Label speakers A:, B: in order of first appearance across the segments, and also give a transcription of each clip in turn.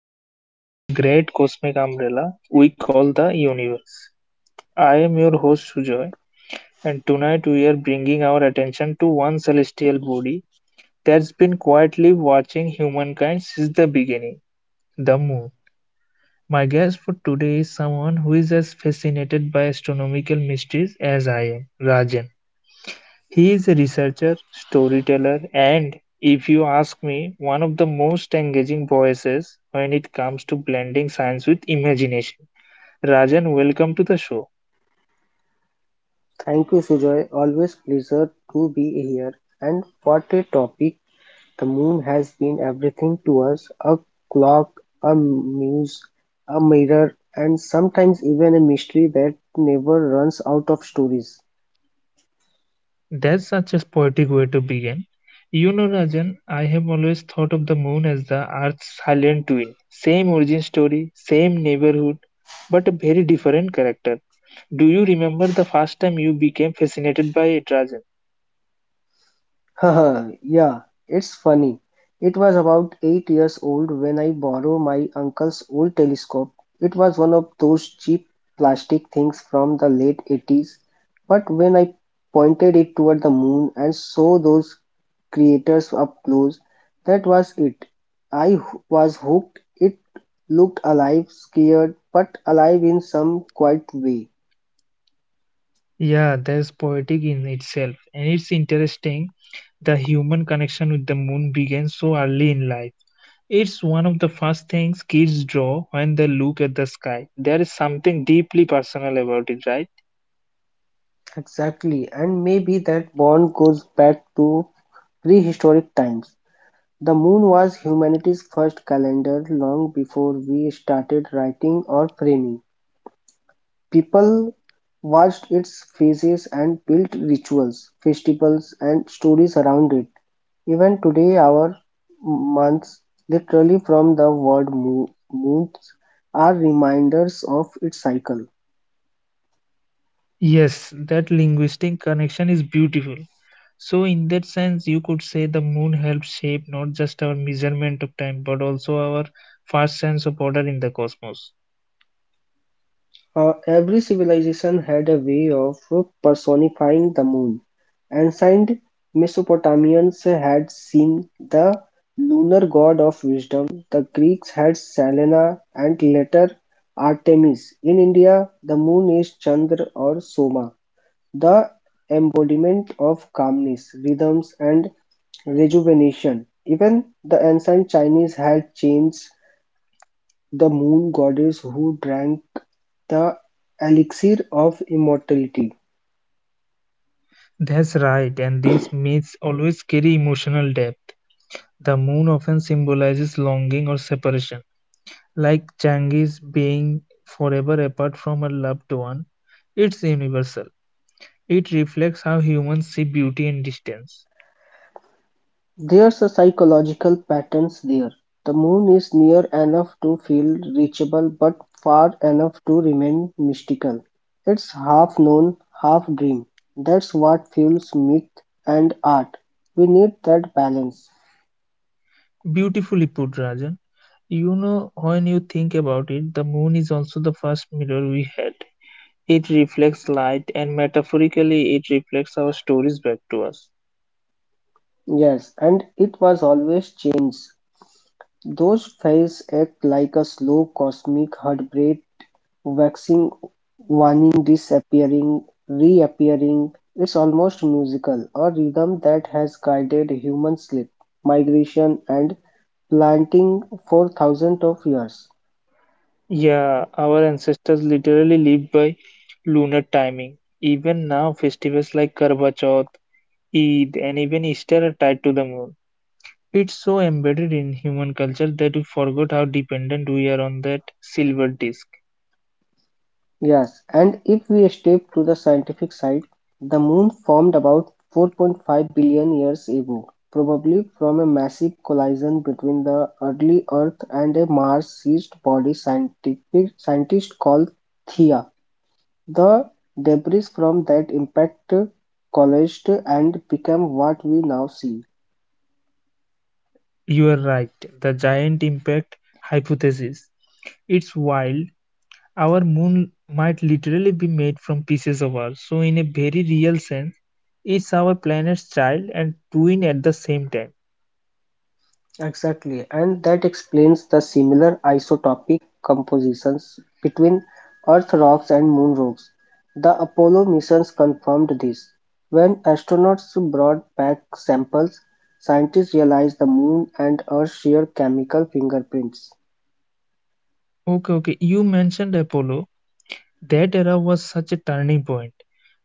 A: session under the great cosmic umbrella we call the universe. I am your host Sujoy, and tonight we are bringing our attention to one celestial body that's been quietly watching humankind since the beginning the moon. My guest for today is someone who is as fascinated by astronomical mysteries as I am, Rajan. He is a researcher, storyteller, and, if you ask me, one of the most engaging voices when it comes to blending science with imagination. Rajan, welcome to the show.
B: Thank you Sujoy, always pleasure to be here. And what a topic. The moon has been everything to us: a clock, a muse, a mirror, and sometimes even a mystery that never runs out of stories.
A: That's such a poetic way to begin. You know, Rajan, I have always thought of the moon as the Earth's silent twin. Same origin story, same neighborhood, but a very different character. Do you remember the first time you became fascinated by it, Rajan?
B: Yeah, it's funny. It was about eight years old when I borrowed my uncle's old telescope. It was one of those cheap plastic things from the late 80s. But when I pointed it toward the moon and saw those creators up close, that was it. I h- was hooked. It looked alive, scared, but alive in some quiet way.
A: Yeah, that's poetic in itself. And it's interesting the human connection with the moon begins so early in life. It's one of the first things kids draw when they look at the sky. There is something deeply personal about it, right?
B: Exactly, and maybe that bond goes back to prehistoric times. The Moon was humanity's first calendar long before we started writing or framing. People watched its phases and built rituals, festivals, and stories around it. Even today, our months, literally from the word moons, are reminders of its cycle.
A: Yes, that linguistic connection is beautiful. So, in that sense, you could say the moon helps shape not just our measurement of time but also our first sense of order in the cosmos.
B: Every civilization had a way of personifying the moon. Ancient Mesopotamians had seen the lunar god of wisdom, the Greeks had Selena, and later Artemis. In India, the moon is Chandra or Soma, the embodiment of calmness, rhythms, and rejuvenation. Even the ancient Chinese had changed the moon goddess who drank the elixir of immortality.
A: That's right, and these myths always carry emotional depth. The moon often symbolizes longing or separation, like Changi's being forever apart from her loved one. It's universal. It reflects how humans see beauty in distance.
B: There's a psychological patterns there. The moon is near enough to feel reachable but far enough to remain mystical. It's half known, half dream. That's what fuels myth and art. We need that balance.
A: Beautifully put, Rajan. You know, when you think about it, the moon is also the first mirror we had. It reflects light, and metaphorically, it reflects our stories back to us.
B: Yes, and it was always change. Those phases act like a slow cosmic heartbeat. Waxing, waning, disappearing, reappearing, it's almost musical, a rhythm that has guided human sleep, migration and planting for thousands of years.
A: Yeah, our ancestors literally lived by lunar timing. Even now, festivals like Karva Chauth Eid, and even Easter are tied to the moon. It's so embedded in human culture that we forgot how dependent we are on that silver disk.
B: Yes, and if we step to the scientific side, the moon formed about 4.5 billion years ago, probably from a massive collision between the early Earth and a Mars-sized body scientists call Theia. The debris from that impact collaged and became what we now see.
A: You are right, the giant impact hypothesis. It's wild. Our moon might literally be made from pieces of Earth. So, in a very real sense, it's our planet's child and twin at the same time.
B: Exactly, and that explains the similar isotopic compositions between Earth rocks and Moon rocks. The Apollo missions confirmed this. When astronauts brought back samples, scientists realized the Moon and Earth share chemical fingerprints.
A: Okay, okay. You mentioned Apollo. That era was such a turning point.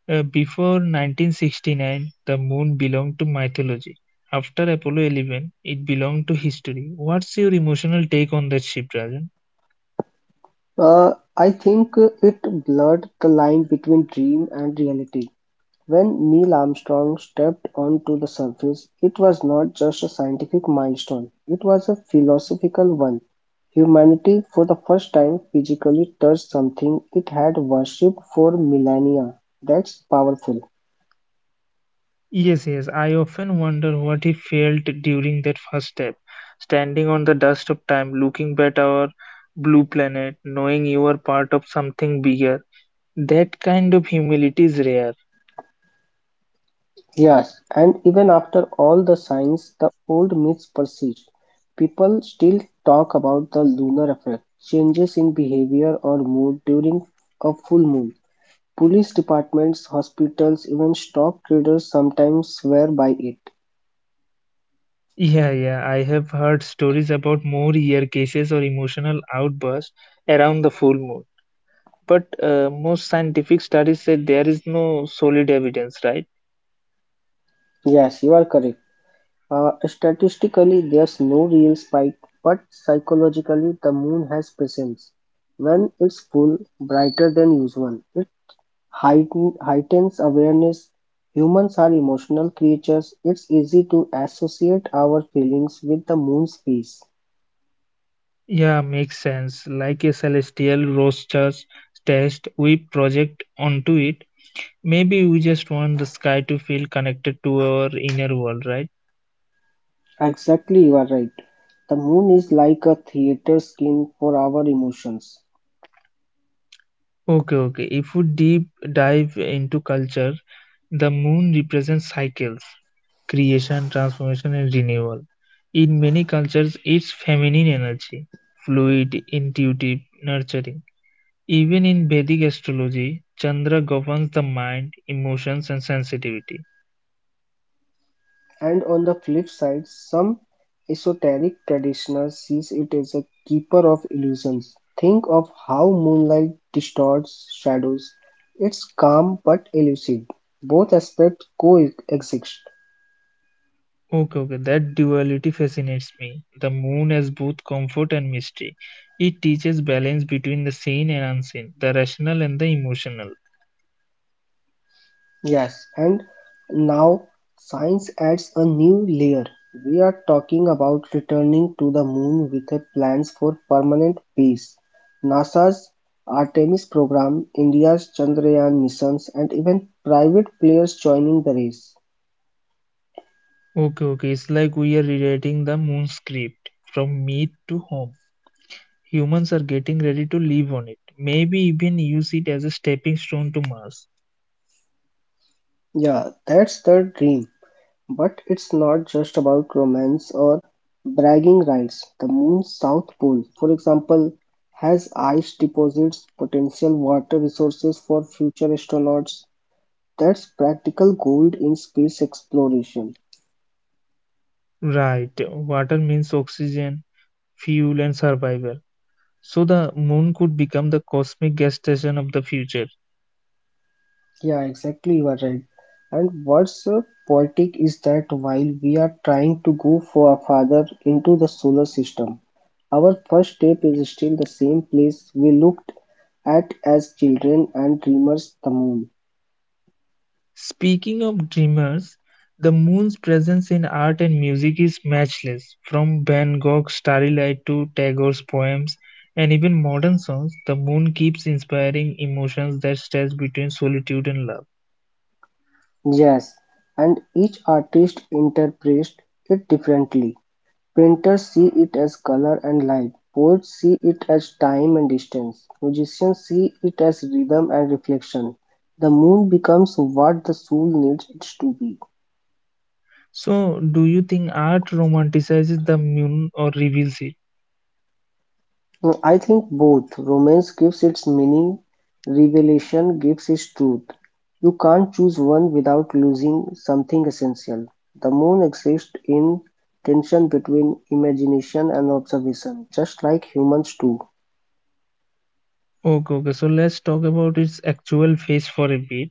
A: Before 1969, the moon belonged to mythology. After Apollo 11, it belonged to history. What's your emotional take on that shift, Rajan?
B: I think it blurred the line between dream and reality. When Neil Armstrong stepped onto the surface, it was not just a scientific milestone, it was a philosophical one. Humanity, for the first time, physically touched something it had worshipped for millennia. That's powerful.
A: Yes, yes. I often wonder what he felt during that first step, standing on the dust of time, looking at our blue planet, knowing you are part of something bigger. That kind of humility is rare.
B: Yes, and even after all the science, the old myths persist. People still talk about the lunar effect, changes in behavior or mood during a full moon. Police departments, hospitals, even stock traders sometimes swear by it.
A: Yeah, yeah, I have heard stories about more ear cases or emotional outbursts around the full moon. But most scientific studies say there is no solid evidence, right?
B: Yes, you are correct. Statistically, there's no real spike, but psychologically, the moon has presence. When it's full, brighter than usual, it heightens awareness. Humans are emotional creatures. It's easy to associate our feelings with the moon's face.
A: Yeah, makes sense. Like a celestial roaster's test, we project onto it. Maybe we just want the sky to feel connected to our inner world, right?
B: Exactly, you are right. The moon is like a theater skin for our emotions.
A: Okay, okay. If we deep dive into culture, the moon represents cycles. Creation, transformation, and renewal. In many cultures, it's feminine energy, fluid, intuitive, nurturing. Even in Vedic astrology, Chandra governs the mind, emotions, and sensitivity.
B: And on the flip side, some esoteric traditioners sees it as a keeper of illusions. Think of how moonlight distorts shadows. It's calm but elusive. Both aspects coexist.
A: Okay, okay, that duality fascinates me. The moon has both comfort and mystery. It teaches balance between the seen and unseen, the rational and the emotional.
B: Yes, and now science adds a new layer. We are talking about returning to the moon with a plans for permanent peace. NASA's Artemis program, India's Chandrayaan missions, and even private players joining the race.
A: Okay, okay, it's like we are rewriting the moon script from myth to home. Humans are getting ready to live on it, maybe even use it as a stepping stone to Mars.
B: Yeah, that's the dream. But it's not just about romance or bragging rights. The moon's south pole, for example, has ice deposits, potential water resources for future astronauts. That's practical gold in space exploration.
A: Right, water means oxygen, fuel, and survival. So the moon could become the cosmic gas station of the future.
B: Yeah, exactly, you are right. And what's poetic is that while we are trying to go for farther into the solar system, our first step is still the same place we looked at as children and dreamers, the moon.
A: Speaking of dreamers, the moon's presence in art and music is matchless. From Van Gogh's Starry Night to Tagore's poems and even modern songs, the moon keeps inspiring emotions that stretch between solitude and love.
B: Yes, and each artist interprets it differently. Painters see it as color and light, poets see it as time and distance, musicians see it as rhythm and reflection. The moon becomes what the soul needs it to be.
A: So, do you think art romanticizes the moon or reveals it?
B: Mm, I think both. Romance gives its meaning, revelation gives its truth. You can't choose one without losing something essential. The moon exists in tension between imagination and observation, just like humans do.
A: Okay, okay. So let's talk about its actual face for a bit.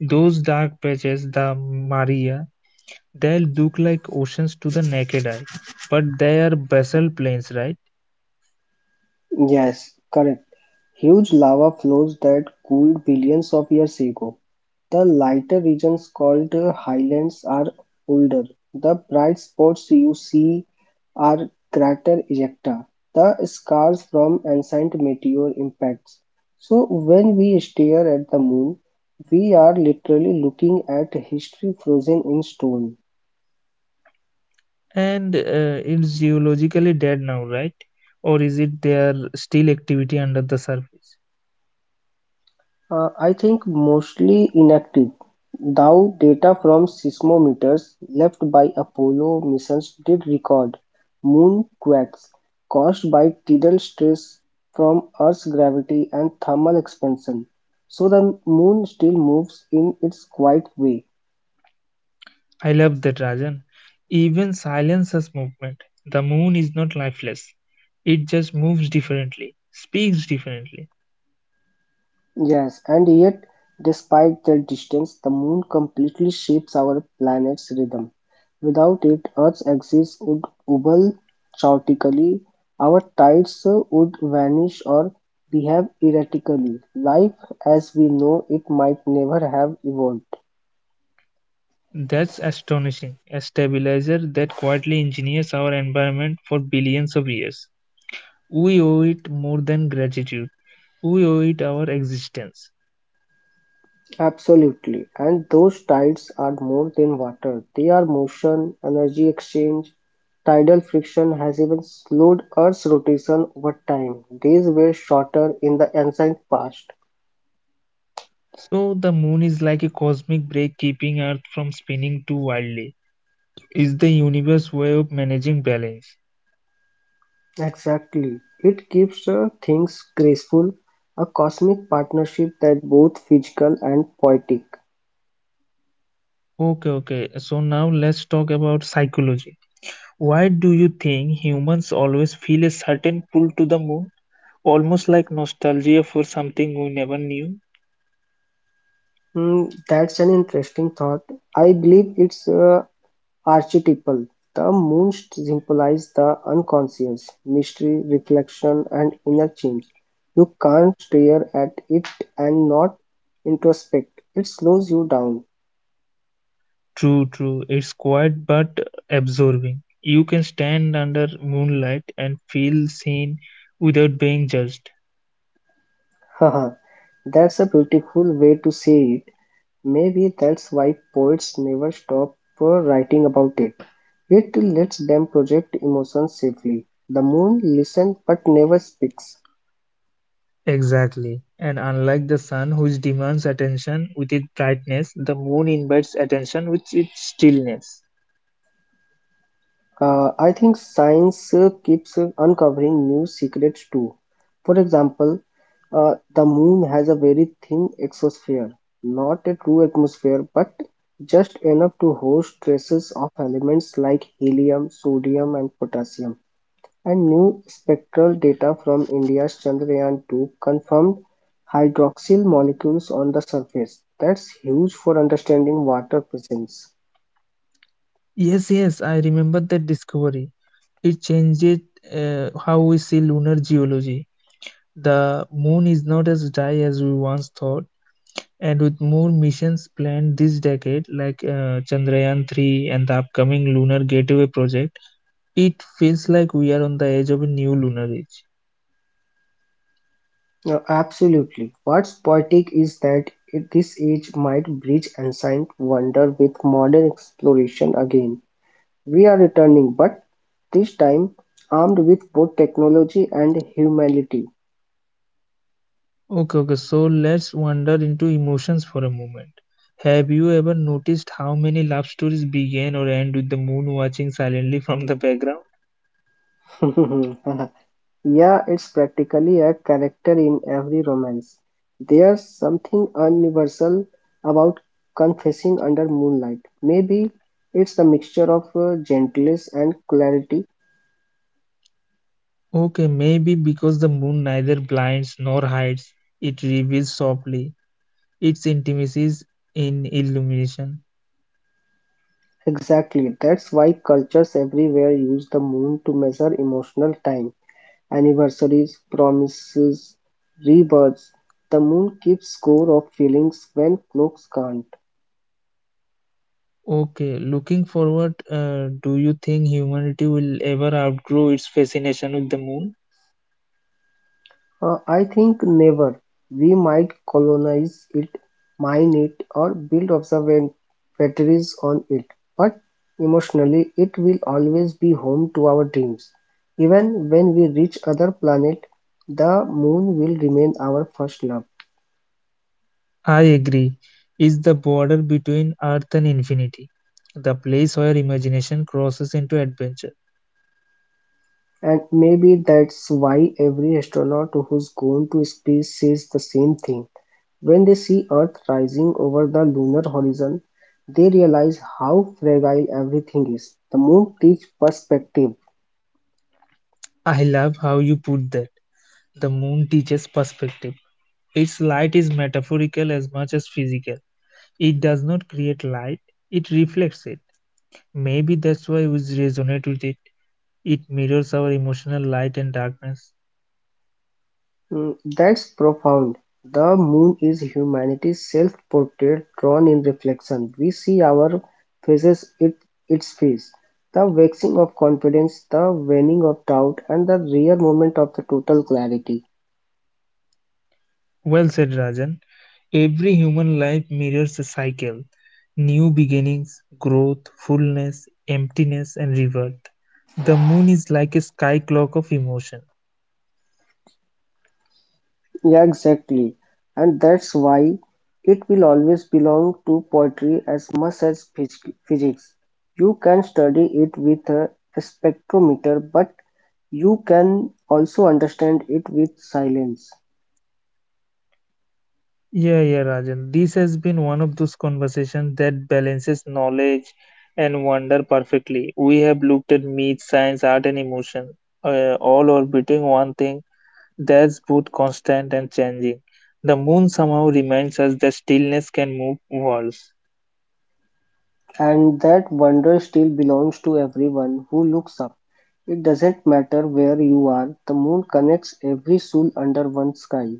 A: Those dark patches, the Maria, they look like oceans to the naked eye, but they are basalt plains, right?
B: Yes, correct. Huge lava flows that cooled billions of years ago. The lighter regions called highlands are older. The bright spots you see are crater ejecta, the scars from ancient meteor impacts. So when we stare at the moon, we are literally looking at history frozen in stone.
A: And it's geologically dead now, right? Or is it there still activity under the surface?
B: I think mostly inactive, though data from seismometers left by Apollo missions did record moon quakes caused by tidal stress from Earth's gravity and thermal expansion. So the moon still moves in its quiet way.
A: I love that, Rajan. Even silence has movement. The moon is not lifeless. It just moves differently, speaks differently.
B: Yes, and yet, despite their distance, the moon completely shapes our planet's rhythm. Without it, Earth's axis would wobble chaotically, our tides would vanish or behave erratically. Life as we know it might never have evolved.
A: That's astonishing. A stabilizer that quietly engineers our environment for billions of years. We owe it more than gratitude. We owe it our existence.
B: Absolutely. And those tides are more than water. They are motion, energy exchange. Tidal friction has even slowed Earth's rotation over time. Days were shorter in the ancient past.
A: So the moon is like a cosmic brake keeping Earth from spinning too wildly. It's the universe way of managing balance.
B: Exactly. It keeps things graceful, a cosmic partnership that both physical and poetic.
A: Okay, okay. So now let's talk about psychology. Why do you think humans always feel a certain pull to the moon? Almost like nostalgia for something we never knew?
B: Hmm, that's an interesting thought. I believe it's archetypal, the moon symbolizes the unconscious, mystery, reflection, and inner change. You can't stare at it and not introspect. It slows you down.
A: True, true. It's quiet but absorbing. You can stand under moonlight and feel seen without being judged.
B: Haha, that's a beautiful way to say it. Maybe that's why poets never stop writing about it. It lets them project emotions safely. The moon listens but never speaks.
A: Exactly. And unlike the sun, which demands attention with its brightness, the moon invites attention with its stillness.
B: I think science keeps uncovering new secrets too. For example, the moon has a very thin exosphere, not a true atmosphere, but just enough to host traces of elements like helium, sodium, and potassium. And new spectral data from India's Chandrayaan 2 confirmed hydroxyl molecules on the surface. That's huge for understanding water presence.
A: Yes, yes, I remember that discovery. It changed how we see lunar geology. The moon is not as dry as we once thought, and with more missions planned this decade, like Chandrayaan 3 and the upcoming Lunar Gateway project, it feels like we are on the edge of a new lunar age.
B: No, absolutely. What's poetic is that this age might bridge ancient wonder with modern exploration again. We are returning, but this time armed with both technology and humanity.
A: Okay, okay, so let's wander into emotions for a moment. Have you ever noticed how many love stories begin or end with the moon watching silently from the background?
B: Yeah, it's practically a character in every romance. There's something universal about confessing under moonlight. Maybe it's the mixture of gentleness and clarity.
A: Okay, maybe because the moon neither blinds nor hides, it reveals softly its intimacies in illumination.
B: Exactly, that's why cultures everywhere use the moon to measure emotional time, anniversaries, promises, rebirths. The moon keeps score of feelings when clocks can't.
A: Okay, looking forward, do you think humanity will ever outgrow its fascination with the moon?
B: I think never. We might colonize it, mine it, or build observatories on it, but emotionally it will always be home to our dreams. Even when we reach other planet, the moon will remain our first love.
A: I agree. It's the border between Earth and infinity, the place where imagination crosses into adventure.
B: And maybe that's why every astronaut who's gone to space says the same thing. When they see Earth rising over the lunar horizon, they realize how fragile everything is. The moon teaches perspective.
A: I love how you put that. The moon teaches perspective. Its light is metaphorical as much as physical. It does not create light, it reflects it. Maybe that's why we resonate with it. It mirrors our emotional light and darkness.
B: Mm, that's profound. The moon is humanity's self portrait drawn in reflection. We see our faces, it, its face, the waxing of confidence, the waning of doubt, and the rare moment of the total clarity.
A: Well said, Rajan. Every human life mirrors a cycle, new beginnings, growth, fullness, emptiness, and rebirth. The moon is like a sky clock of emotion.
B: Yeah, exactly. And that's why it will always belong to poetry as much as physics. You can study it with a spectrometer, but you can also understand it with silence.
A: Yeah, yeah, Rajan. This has been one of those conversations that balances knowledge and wonder perfectly. We have looked at myth, science, art, and emotion, all orbiting one thing. That's both constant and changing. The moon somehow reminds us that stillness can move walls.
B: And that wonder still belongs to everyone who looks up. It doesn't matter where you are, the moon connects every soul under one sky.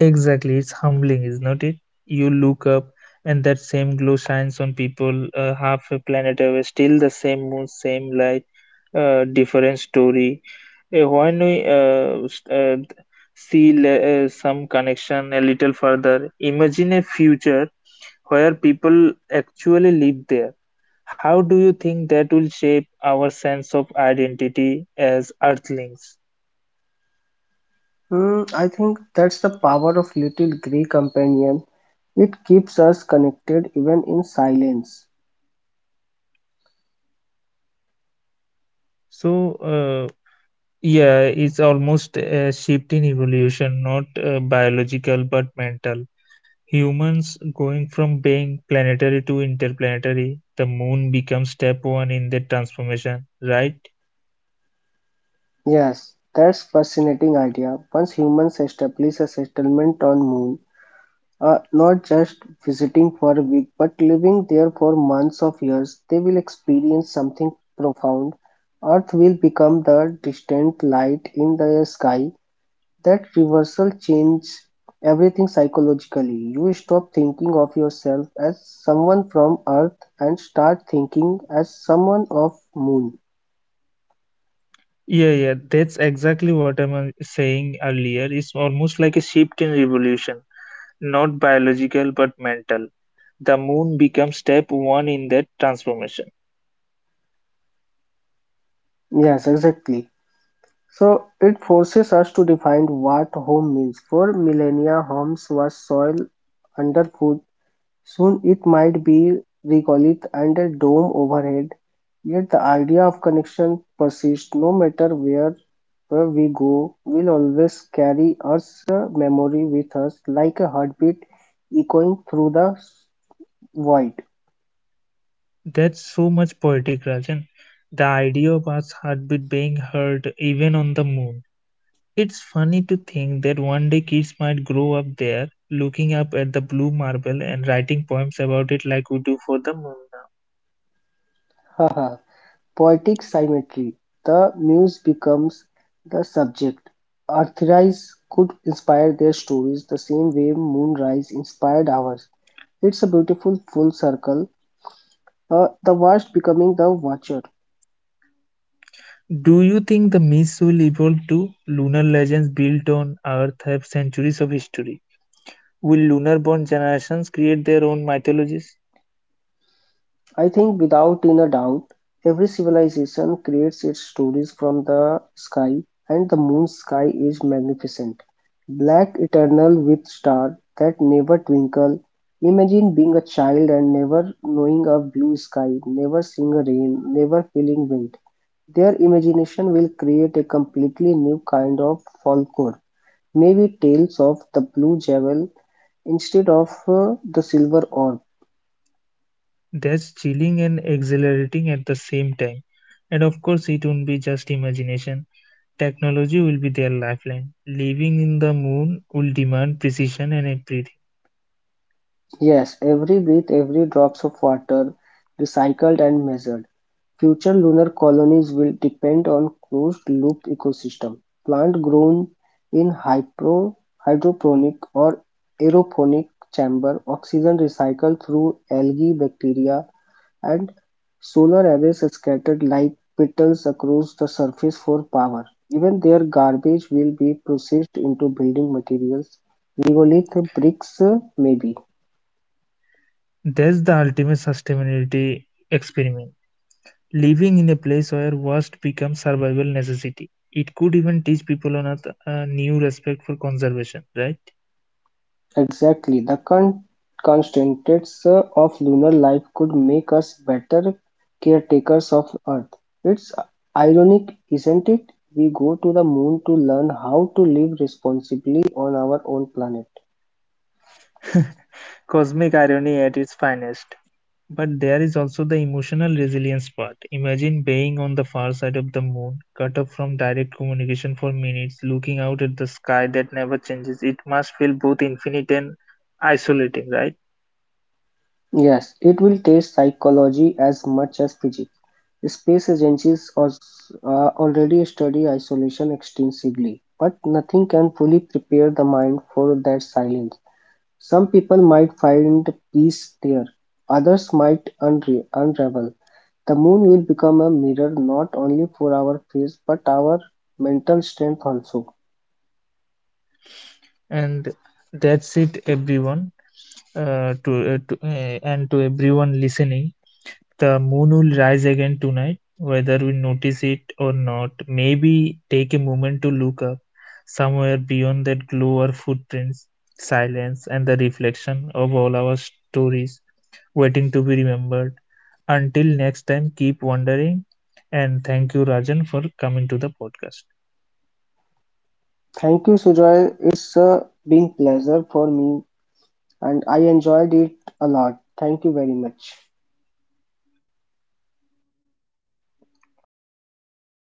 A: Exactly, it's humbling, isn't it? You look up, and that same glow shines on people, half a planet away. Still the same moon, same light, different story. When we see some connection a little further, imagine a future where people actually live there. How do you think that will shape our sense of identity as Earthlings?
B: Hmm, I think that's the power of Little Grey Companion. It keeps us connected even in silence.
A: So, yeah, it's almost a shift in evolution, not biological but mental. Humans going from being planetary to interplanetary, the moon becomes step one in the transformation, right?
B: Yes, that's fascinating idea. Once humans establish a settlement on Moon, not just visiting for a week but living there for months of years, they will experience something profound. Earth will become the distant light in the sky. That reversal changes everything psychologically. You stop thinking of yourself as someone from Earth and start thinking as someone of Moon.
A: Yeah, yeah, that's exactly what I'm saying earlier. It's almost like a shift in evolution, not biological but mental. The moon becomes step one in that transformation.
B: Yes, exactly. So it forces us to define what home means. For millennia, homes was soil under foot. Soon it might be regolith and a dome overhead, yet the idea of connection persists no matter where we go, we'll always carry Earth's memory with us like a heartbeat echoing through the void.
A: That's so much poetic, Rajan. The idea of our heartbeat being heard even on the moon. It's funny to think that one day kids might grow up there, looking up at the blue marble and writing poems about it like we do for the moon now.
B: Haha. Poetic symmetry. The muse becomes the subject. Earthrise could inspire their stories the same way moonrise inspired ours. It's a beautiful full circle. The watched becoming the watcher.
A: Do you think the myths will evolve too? Lunar legends built on Earth have centuries of history. Will lunar born generations create their own mythologies?
B: I think, without in a doubt, every civilization creates its stories from the sky, and the moon's sky is magnificent, black, eternal, with stars that never twinkle. Imagine being a child and never knowing a blue sky, never seeing a rain, never feeling wind. Their imagination will create a completely new kind of folklore, maybe tales of the blue jewel instead of the silver orb.
A: That's chilling and exhilarating at the same time. And of course, it won't be just imagination. Technology will be their lifeline. Living in the moon will demand precision and everything.
B: Yes, every breath, every drops of water, recycled and measured. Future lunar colonies will depend on closed-loop ecosystem. Plant grown in hydroponic or aeroponic chamber, oxygen recycled through algae, bacteria, and solar arrays scattered like petals across the surface for power. Even their garbage will be processed into building materials, regolith bricks, maybe.
A: That's the ultimate sustainability experiment. Living in a place where waste becomes survival necessity. It could even teach people on Earth a new respect for conservation, right?
B: Exactly, the constraints of lunar life could make us better caretakers of Earth. It's ironic, isn't it? We go to the moon to learn how to live responsibly on our own planet.
A: Cosmic irony at its finest. But there is also the emotional resilience part. Imagine being on the far side of the moon, cut off from direct communication for minutes, looking out at the sky that never changes. It must feel both infinite and isolating, right?
B: Yes, it will test psychology as much as physics. Space agencies are already study isolation extensively, but nothing can fully prepare the mind for that silence. Some people might find peace there, others might unravel. The moon will become a mirror not only for our face but our mental strength also.
A: And that's it, everyone. To and to everyone listening. The moon will rise again tonight, whether we notice it or not. Maybe take a moment to look up. Somewhere beyond that glow are footprints, silence, and the reflection of all our stories waiting to be remembered. Until next time, keep wondering. And thank you, Rajan, for coming to the podcast.
B: Thank you, Sujoy. It's a big pleasure for me and I enjoyed it a lot. Thank you very much.